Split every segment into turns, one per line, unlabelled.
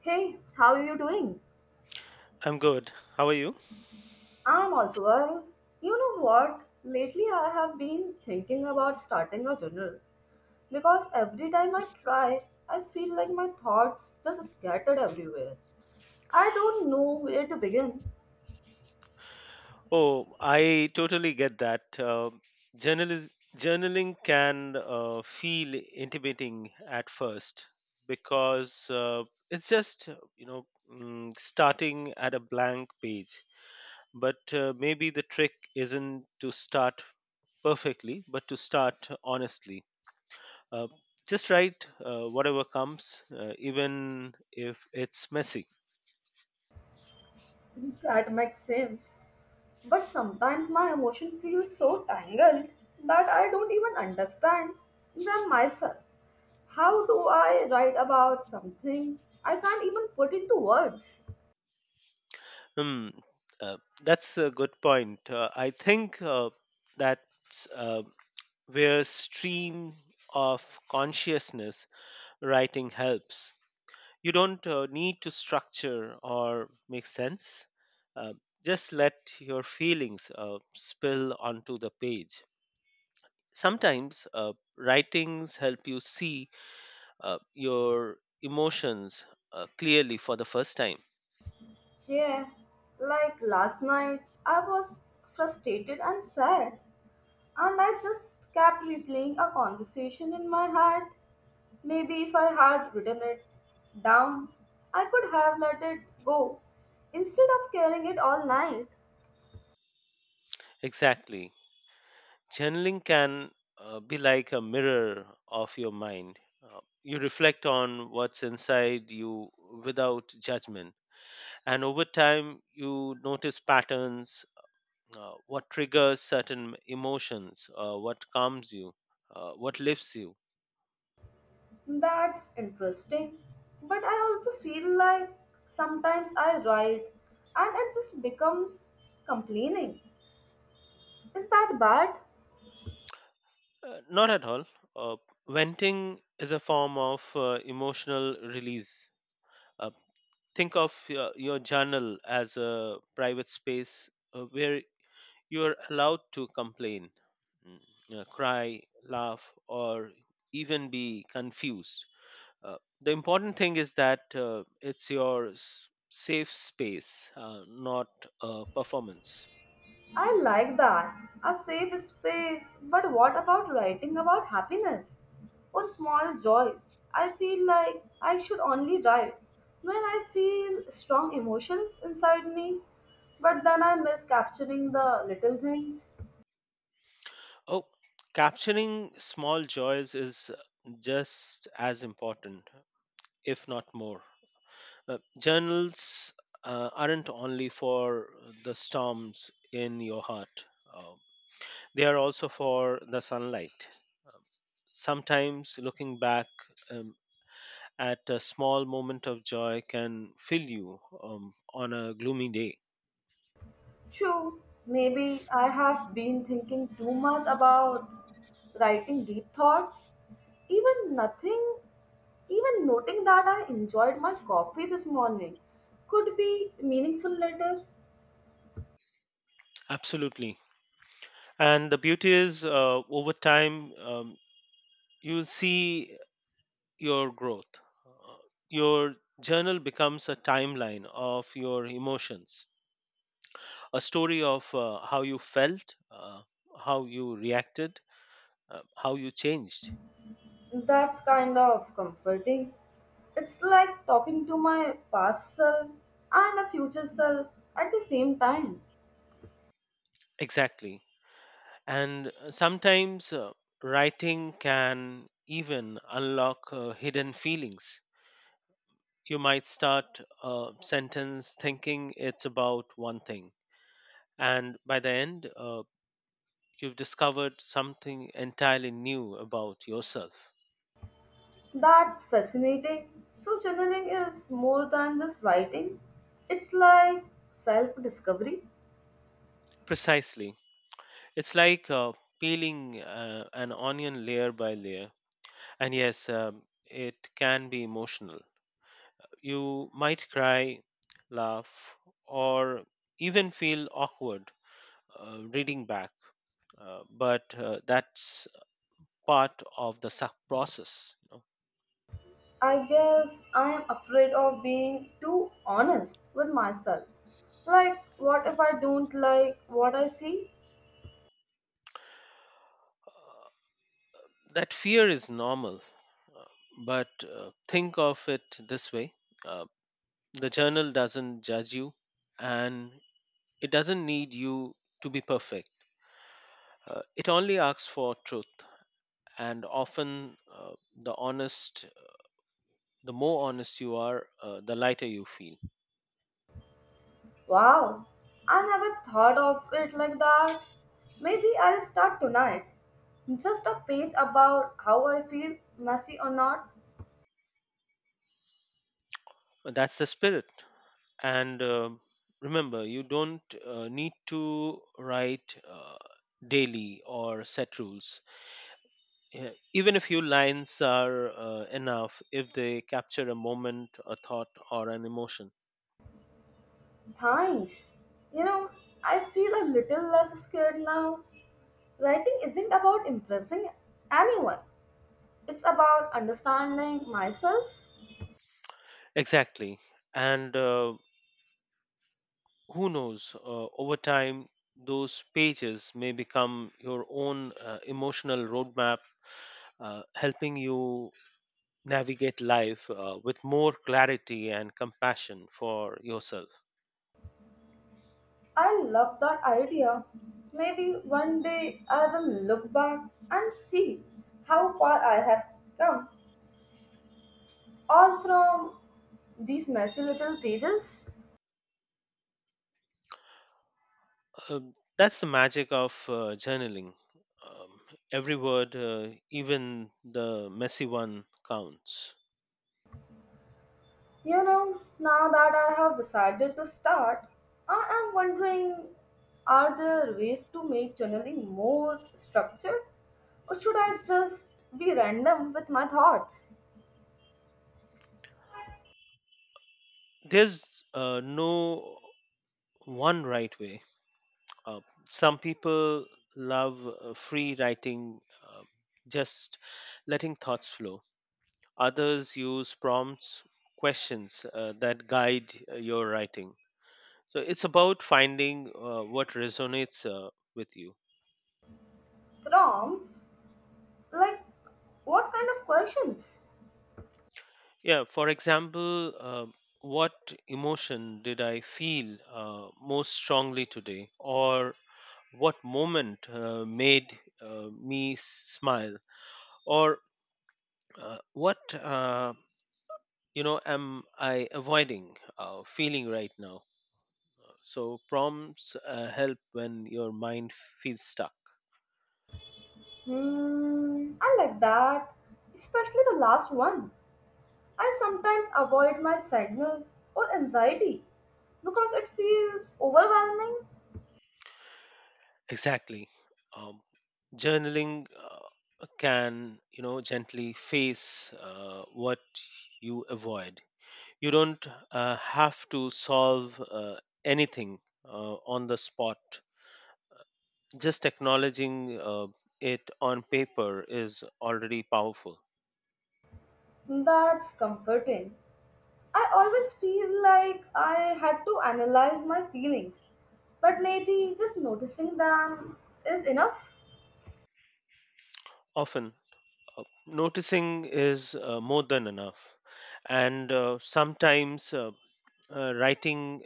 Hey, how are you doing?
I'm good. How are you?
I'm also well. You know what? Lately I have been thinking about starting a journal because every time I try, I feel like my thoughts just scattered everywhere. I don't know where to begin.
Oh, I totally get that. Journalism, Journaling can feel intimidating at first because it's just starting at a blank page. But maybe the trick isn't to start perfectly, but to start honestly. Uh, just write whatever comes, even if it's messy.
That makes sense. But sometimes my emotion feels so tangled that I don't even understand them myself. How do I write about something I can't even put into words?
Hmm, uh, that's a good point. I think that's where stream of consciousness writing helps. You don't need to structure or make sense. Uh, just let your feelings spill onto the page. Sometimes writings help you see your emotions clearly for the first time.
Yeah, like last night, I was frustrated and sad, and I just kept replaying a conversation in my head. Maybe if I had written it down, I could have let it go instead of carrying it all night.
Exactly. Journaling can be like a mirror of your mind. You reflect on what's inside you without judgment. And over time, you notice patterns, what triggers certain emotions, what calms you, what lifts you.
That's interesting. But I also feel like sometimes I write and it just becomes complaining. Is that bad?
Not at all. Uh, venting is a form of emotional release. Uh, think of your journal as a private space where you are allowed to complain, mm, cry, laugh, or even be confused. Uh, the important thing is that it's your safe space, not a performance.
I like that. A safe space. But what about writing about happiness? Or small joys? I feel like I should only write when I feel strong emotions inside me. But then I miss capturing the little things.
Oh, capturing small joys is just as important, if not more. Journals aren't only for the storms in your heart, uh, they are also for the sunlight. Sometimes looking back um, at a small moment of joy can fill you on a gloomy day.
True, maybe I have been thinking too much about writing deep thoughts. Even nothing, even noting that I enjoyed my coffee this morning could be meaningful later.
Absolutely. And the beauty is, over time, you see your growth. Uh, Your journal becomes a timeline of your emotions, a story of how you felt, how you reacted, how you changed.
That's kind of comforting. It's like talking to my past self and a future self at the same time.
Exactly. And sometimes writing can even unlock hidden feelings. You might start a sentence thinking it's about one thing, and by the end, you've discovered something entirely new about yourself.
That's fascinating. So, journaling is more than just writing, it's like self discovery.
Precisely. It's like peeling an onion layer by layer. And yes, it can be emotional. You might cry, laugh, or even feel awkward reading back, but that's part of the suck process, you know.
I guess I am afraid of being too honest with myself. Like, what if I don't like what I see?
Uh, that fear is normal, uh, but think of it this way uh, the journal doesn't judge you, and it doesn't need you to be perfect. It only asks for truth. And often, the more honest you are, the lighter you feel.
Wow, I never thought of it like that. Maybe I'll start tonight. Just a page about how I feel, messy or not.
That's the spirit. And remember, you don't need to write daily or set rules. Uh, Even a few lines are enough if they capture a moment, a thought, or an emotion.
Thanks. You know, I feel a little less scared now. Writing isn't about impressing anyone, it's about understanding myself.
Exactly. And who knows, over time those pages may become your own emotional roadmap, helping you navigate life with more clarity and compassion for yourself.
I love that idea. Maybe one day I will look back and see how far I have come, all from these messy little pages.
That's the magic of journaling. Um, every word, even the messy one, counts.
You know, now that I have decided to start, I am wondering are there ways to make journaling more structured? Or should I just be random with my thoughts?
There's no one right way. Uh, some people love free writing, uh, just letting thoughts flow. Others use prompts, questions that guide your writing. So it's about finding what resonates with you.
Prompts? Like, what kind of questions?
Yeah, for example, what emotion did I feel most strongly today? Or what moment made me smile? Or uh, what, uh, am I avoiding feeling right now? So, prompts help when your mind feels stuck.
Hmm, I like that, especially the last one. I sometimes avoid my sadness or anxiety because it feels overwhelming.
Exactly. Um, journaling can, you know, gently face what you avoid. You don't have to solve anything on the spot. Just acknowledging it on paper is already powerful.
That's comforting. I always feel like I had to analyze my feelings, but maybe just noticing them is enough.
Often, noticing is more than enough. And sometimes, writing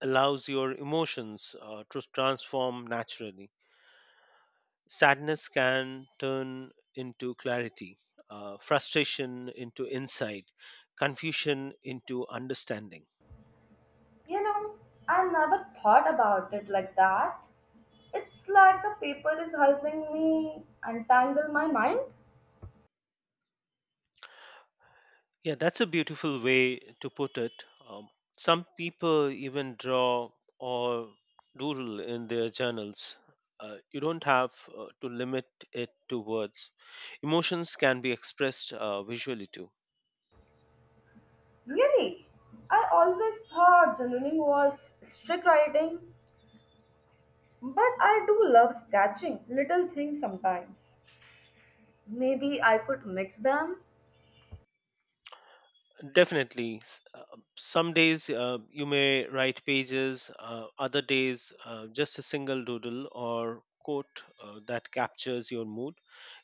allows your emotions to transform naturally. Sadness can turn into clarity, frustration into insight, confusion into understanding.
You know, I never thought about it like that. It's like the paper is helping me untangle my mind.
Yeah, that's a beautiful way to put it. Some people even draw or doodle in their journals. You don't have to limit it to words. Emotions can be expressed visually too.
Really? I always thought journaling was strict writing, but I do love sketching little things sometimes. Maybe I could mix them.
Definitely. Some days you may write pages, other days just a single doodle or quote that captures your mood.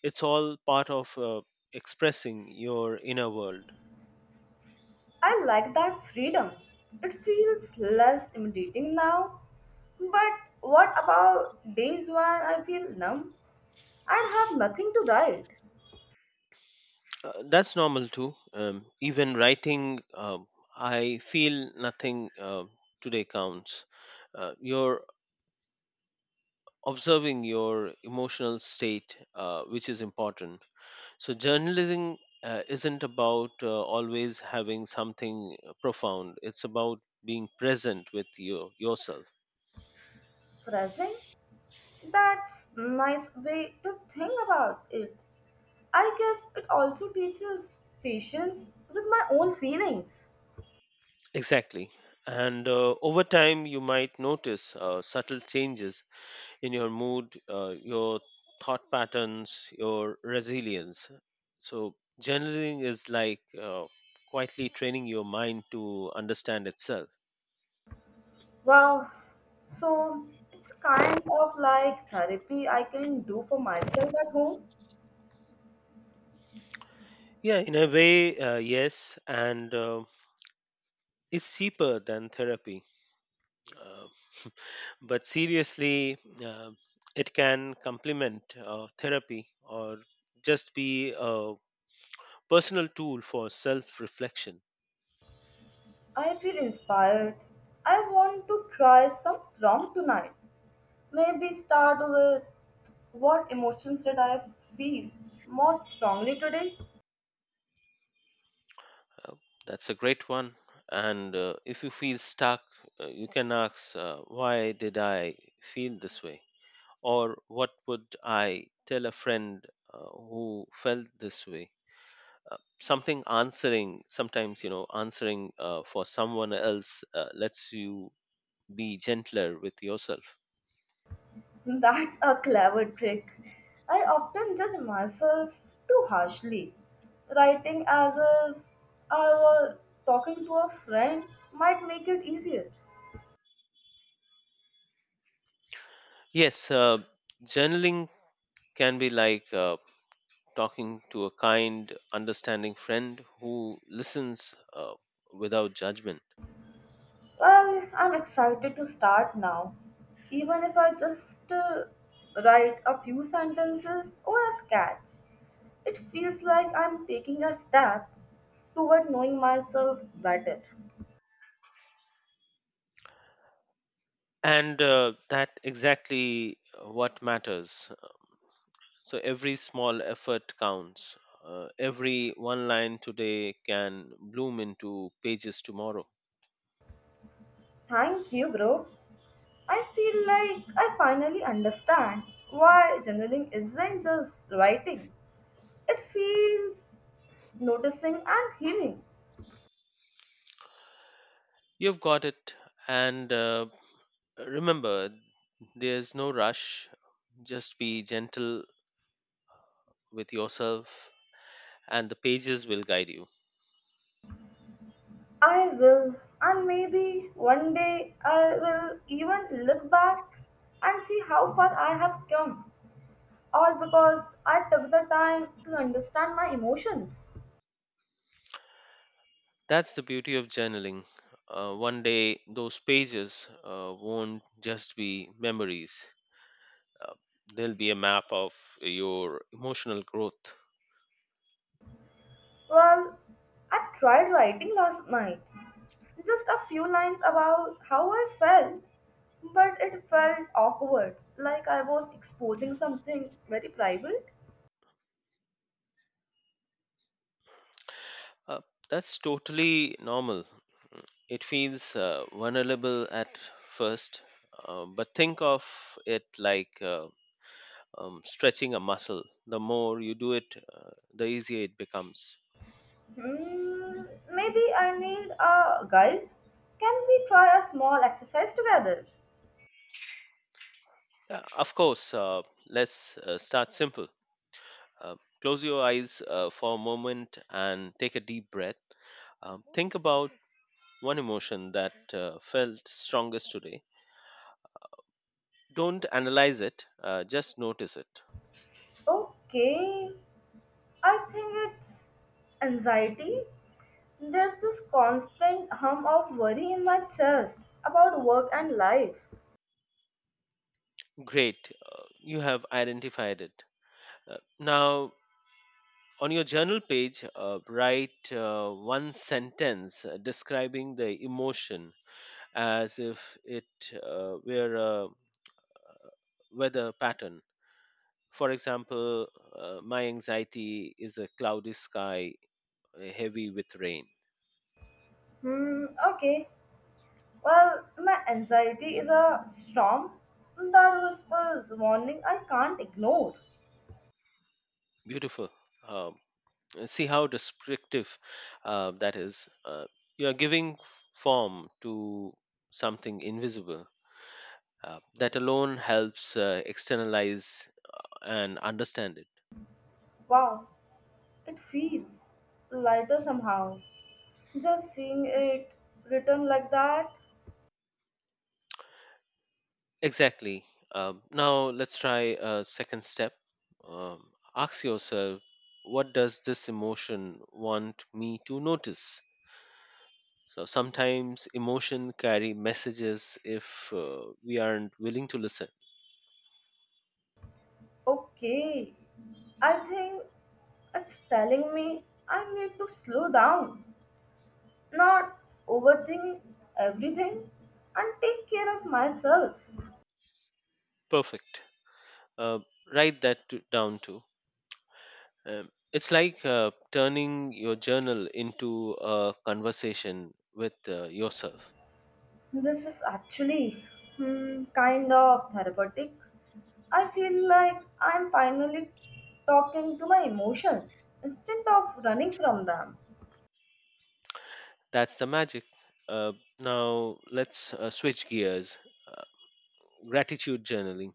It's all part of expressing your inner world.
I like that freedom. It feels less intimidating now. But what about days when I feel numb and have nothing to write?
That's normal too. Even writing "I feel nothing today" counts. You're observing your emotional state, which is important. So, journalism isn't about always having something profound, it's about being present with you, yourself.
Present? That's nice way to think about it. I guess it also teaches patience with my own feelings.
Exactly. And over time, you might notice subtle changes in your mood, your thought patterns, your resilience. So, journaling is like quietly training your mind to understand itself.
Wow, so it's kind of like therapy I can do for myself at home.
Yeah, in a way, yes, and it's cheaper than therapy. Uh, but seriously, uh, it can complement therapy or just be a personal tool for self reflection.
I feel inspired. I want to try some prompt tonight. Maybe start with what emotions did I feel most strongly today?
Oh, that's a great one. And if you feel stuck, you can ask, "Why did I feel this way?" Or "What would I tell a friend who felt this way?" Sometimes, answering for someone else lets you be gentler with yourself.
That's a clever trick. I often judge myself too harshly. Writing as if I were talking to a friend might make it easier.
Yes, journaling can be like talking to a kind, understanding friend who listens without judgment.
Well, I'm excited to start now. Even if I just write a few sentences or a sketch, it feels like I'm taking a step toward knowing myself better.
And that exactly what matters. So every small effort counts. Every one line today can bloom into pages tomorrow.
Thank you, bro. I feel like I finally understand why journaling isn't just writing, it feels noticing and healing.
You've got it. And remember, there's no rush. Just be gentle with yourself, and the pages will guide you.
I will, and maybe one day I will even look back and see how far I have come, all because I took the time to understand my emotions.
That's the beauty of journaling. One day, those pages won't just be memories, uh, there'll be a map of your emotional growth.
Well, I tried writing last night, just a few lines about how I felt, but it felt awkward, like I was exposing something very private.
Uh, that's totally normal. It feels vulnerable at first, but think of it like stretching a muscle. The more you do it, the easier it becomes.
Hmm, maybe I need a guide. Can we try a small exercise together?
Of course. Let's start simple. Uh, Close your eyes for a moment and take a deep breath. Think about one emotion that felt strongest today. Don't analyze it, just notice it.
Okay, I think it's anxiety. There's this constant hum of worry in my chest about work and life.
Great, you have identified it. Now, on your journal page, write one sentence describing the emotion as if it were a weather pattern. For example, "My anxiety is a cloudy sky, heavy with rain."
Hmm, okay. Well, my anxiety is a storm that whispers warning I can't ignore.
Beautiful. Um, See how descriptive that is. You are giving form to something invisible. That alone helps externalize and understand it.
Wow, it feels lighter somehow. Just seeing it written like that.
Exactly. Now let's try a second step. Um, Ask yourself, what does this emotion want me to notice? So sometimes emotion carry messages if we aren't willing to listen.
Okay, I think it's telling me I need to slow down, not overthink everything and take care of myself.
Perfect. Uh, Write that to, down too. It's like turning your journal into a conversation with yourself.
This is actually, hmm, kind of therapeutic. I feel like I'm finally talking to my emotions instead of running from them.
That's the magic. Uh, now, let's switch gears. Uh, Gratitude journaling.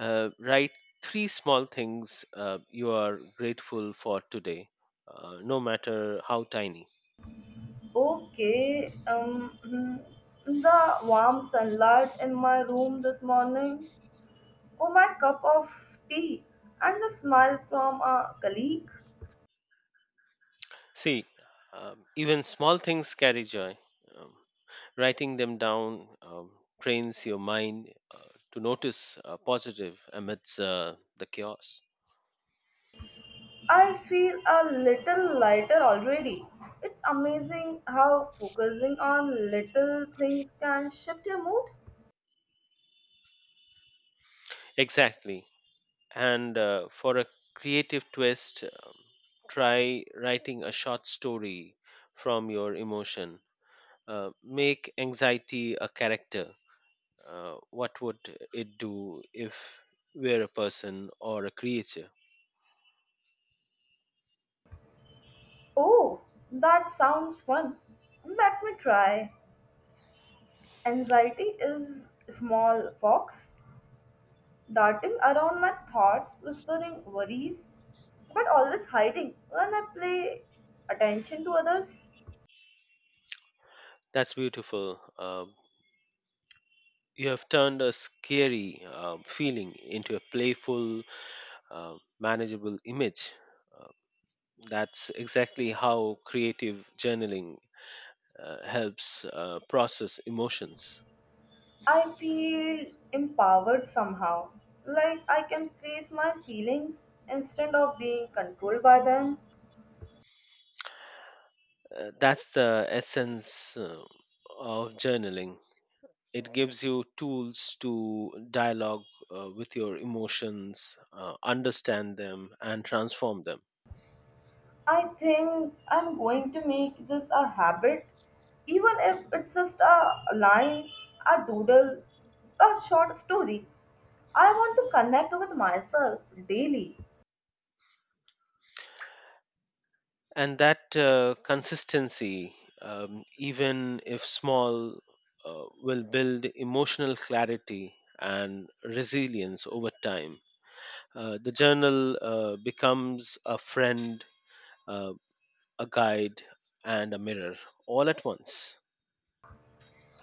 Write three small things you are grateful for today, no matter how tiny.
Okay, hmm, the warm sunlight in my room this morning, or my cup of tea, and the smile from a colleague.
See, even small things carry joy. Um, Writing them down trains your mind to notice positive amidst the chaos.
I feel a little lighter already. It's amazing how focusing on little things can shift your mood.
Exactly. And for a creative twist, try writing a short story from your emotion. Make anxiety a character. What would it do if we're a person or a creature?
Oh, that sounds fun. Let me try. Anxiety is a small fox darting around my thoughts, whispering worries, but always hiding when I play attention to others.
That's beautiful. You have turned a scary feeling into a playful, manageable image. Uh, that's exactly how creative journaling helps process emotions.
I feel empowered somehow. Like I can face my feelings instead of being controlled by them.
That's the essence of journaling. It gives you tools to dialogue with your emotions, understand them, and transform them.
I think I'm going to make this a habit, even if it's just a line, a doodle, a short story. I want to connect with myself daily.
And that consistency, even if small, will build emotional clarity and resilience over time. The journal becomes a friend, uh, a guide, and a mirror all at once.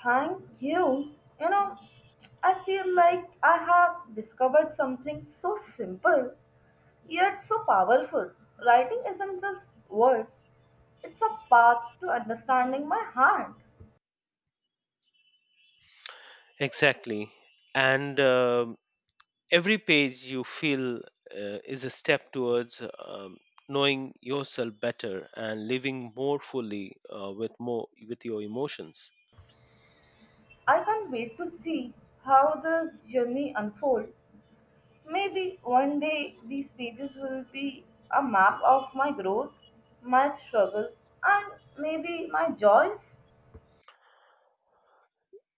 Thank you. You know, I feel like I have discovered something so simple, yet so powerful. Writing isn't just words, it's a path to understanding my heart.
Exactly. And every page you feel is a step towards um, knowing yourself better and living more fully with your emotions.
I can't wait to see how this journey unfolds. Maybe one day these pages will be a map of my growth, my struggles, and maybe my joys.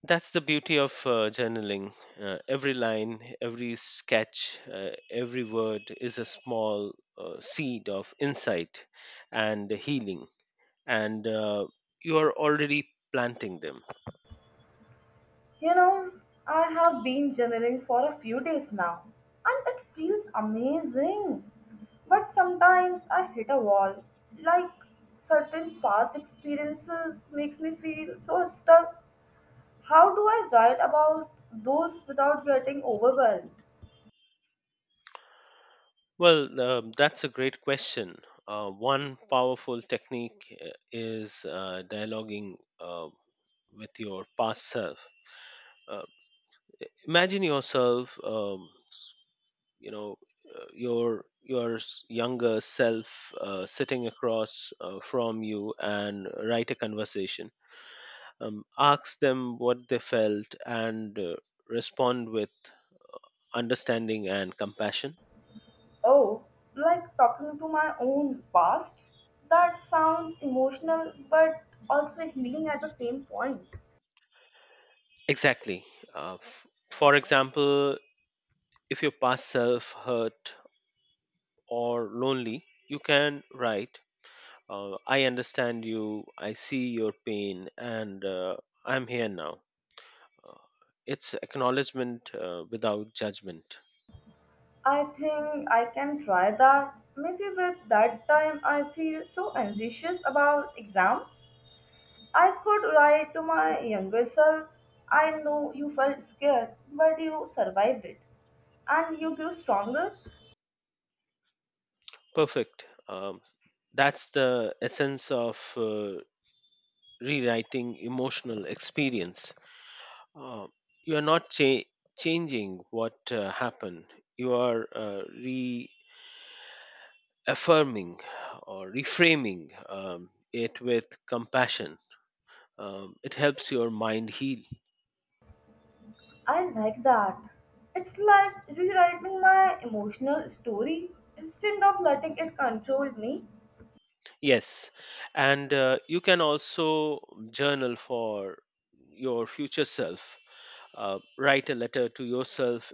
That's the beauty of journaling. Every line, every sketch, every word is a small seed of insight and healing, and you are already planting them.
You know, I have been journaling for a few days now, and it feels amazing. But sometimes I hit a wall. Like certain past experiences makes me feel so stuck. How do I write about those without getting overwhelmed?
Well, that's a great question. One powerful technique is dialoguing with your past self. Uh, Imagine yourself. You know your s- younger self sitting across from you and write a conversation. Ask them what they felt and respond with understanding and compassion.
Oh, like talking to my own past? That sounds emotional but also healing at the same point.
Exactly uh, f- for example if your past self hurt or lonely, you can write, "I understand you, I see your pain, and I'm here now." Uh, it's acknowledgement without judgment.
I think I can try that. Maybe with that time I feel so anxious about exams. I could write to my younger self. I know you felt scared, but you survived it. And you grew stronger.
Perfect. That's the essence of rewriting emotional experience. Uh, you are not changing what happened, you are reaffirming or reframing it with compassion. It helps your mind heal.
I like that. It's like rewriting my emotional story instead of letting it control me.
Yes. And you can also journal for your future self. Write a letter to yourself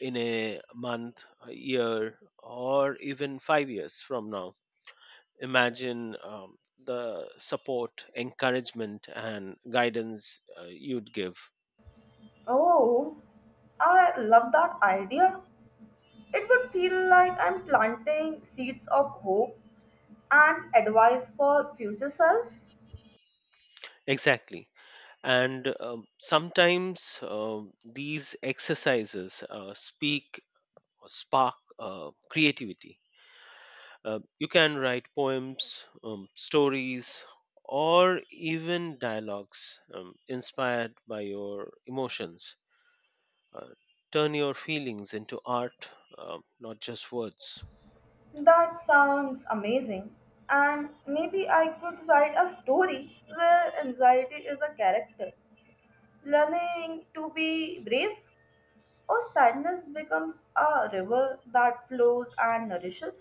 in a month, a year, or even 5 years from now. Imagine the support, encouragement, and guidance you'd give.
Oh, I love that idea. It would feel like I'm planting seeds of hope and advice for future self.
Exactly. And sometimes these exercises speak or spark creativity. You can write poems, stories, or even dialogues inspired by your emotions. Uh, Turn your feelings into art, not just words.
That sounds amazing, and maybe I could write a story where anxiety is a character learning to be brave, or sadness becomes a river that flows and nourishes.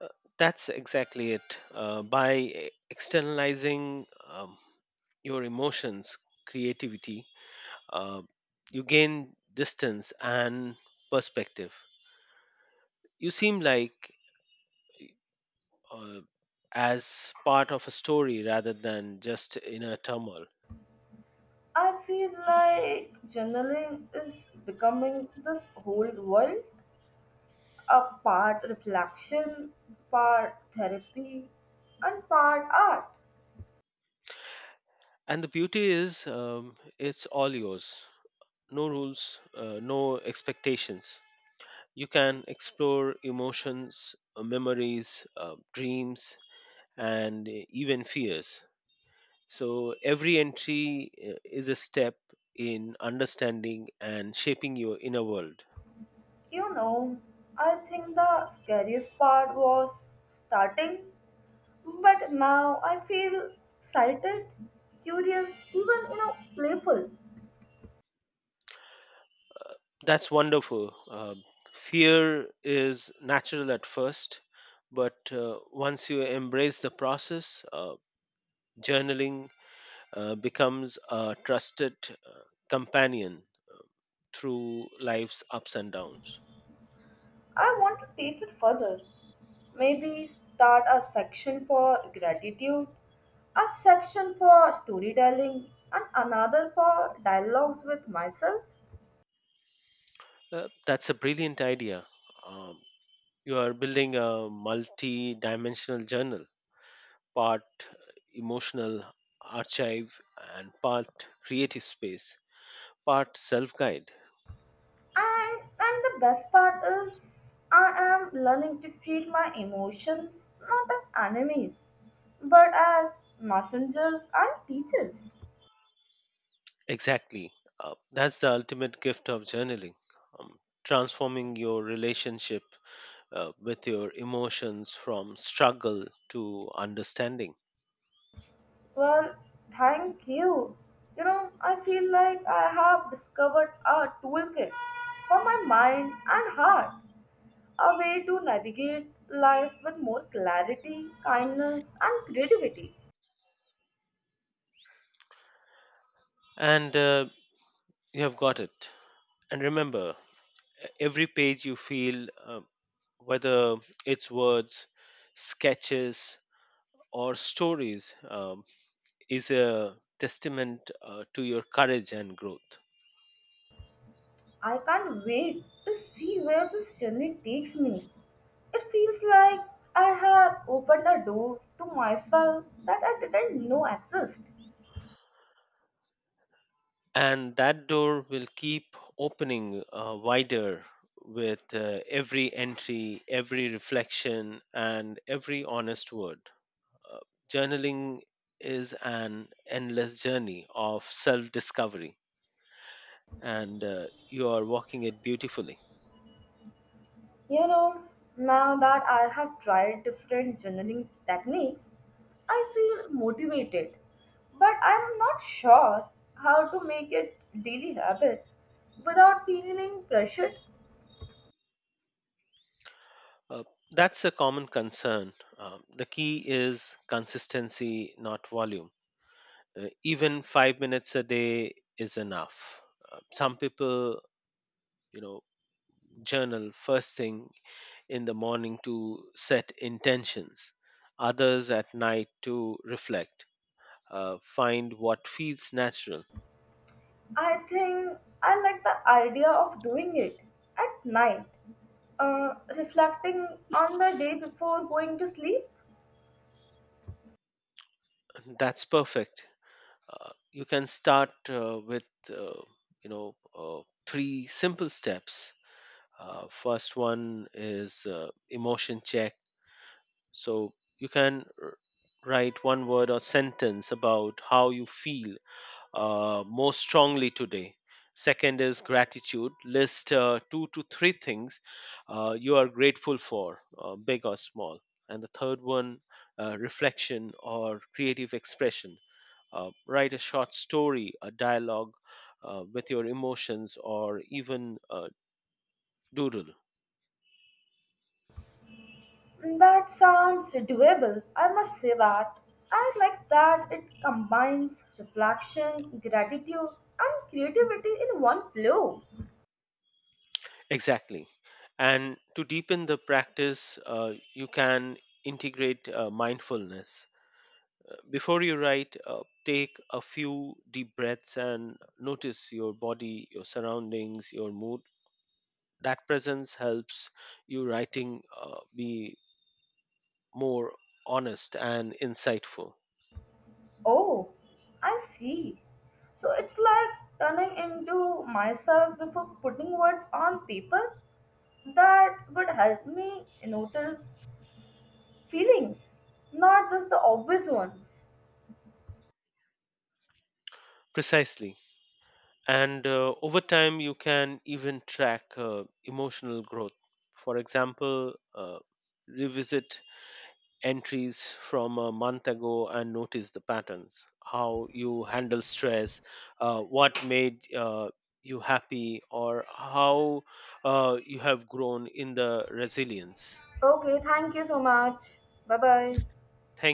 Uh, that's exactly it. By externalizing your emotions, creativity, uh, you gain distance and perspective. You seem like uh, as part of a story rather than just in a turmoil.
I feel like journaling is becoming this whole world, a part reflection, part therapy, and part art.
And the beauty is, it's all yours. No rules, no expectations. You can explore emotions, memories, dreams, and even fears. So every entry is a step in understanding and shaping your inner world.
You know, I think the scariest part was starting, but now I feel excited, curious, even, you know, playful.
That's wonderful. Fear is natural at first, but once you embrace the process, journaling becomes a trusted companion through life's ups and downs.
I want to take it further. Maybe start a section for gratitude, a section for storytelling, and another for dialogues with myself.
That's a brilliant idea. Um, you are building a multi-dimensional journal: part emotional archive, and part creative space, part self-guide.
And and the best part is I am learning to treat my emotions not as enemies, but as messengers and teachers.
Exactly. That's the ultimate gift of journaling, um, transforming your relationship with your emotions from struggle to understanding.
Well, thank you. You know, I feel like I have discovered a toolkit for my mind and heart, a way to navigate life with more clarity, kindness, and creativity.
And you have got it. And remember, every page you feel, uh, whether it's words, sketches, or stories, is a testament to your courage and growth.
I can't wait to see where this journey takes me. It feels like I have opened a door to myself that I didn't know existed.
And that door will keep opening wider with every entry, every reflection, and every honest word. Uh, Journaling is an endless journey of self discovery, and you are walking it beautifully.
You know, now that I have tried different journaling techniques, I feel motivated, but I'm not sure how to make it daily habit without feeling pressured.
Uh, that's a common concern. The key is consistency, not volume; even 5 minutes a day is enough. Some people, you know, journal first thing in the morning to set intentions, others at night to reflect, find what feels natural.
I think I like the idea of doing it at night, reflecting on the day before going to sleep.
That's perfect. You can start with, uh, you know, three simple steps. First one is emotion check. So you can write one word or sentence about how you feel most strongly today. Second is gratitude. List two to three things you are grateful for, big or small. And the third one, reflection or creative expression. Write a short story, a dialogue with your emotions, or even a doodle.
That sounds doable. I must say that. I like that it combines reflection, gratitude, and creativity in one flow.
Exactly. And to deepen the practice, you can integrate mindfulness. Before you write, take a few deep breaths and notice your body, your surroundings, your mood. That presence helps you writing be more honest and insightful.
Oh, I see. So it's like turning into myself before putting words on paper that would help me notice feelings, not just the obvious ones.
Precisely. And over time, you can even track emotional growth. For example, revisit entries from a month ago and notice the patterns: how you handle stress, what made you happy, or how you have grown in the resilience.
Okay, thank you so much. Bye bye.
Thank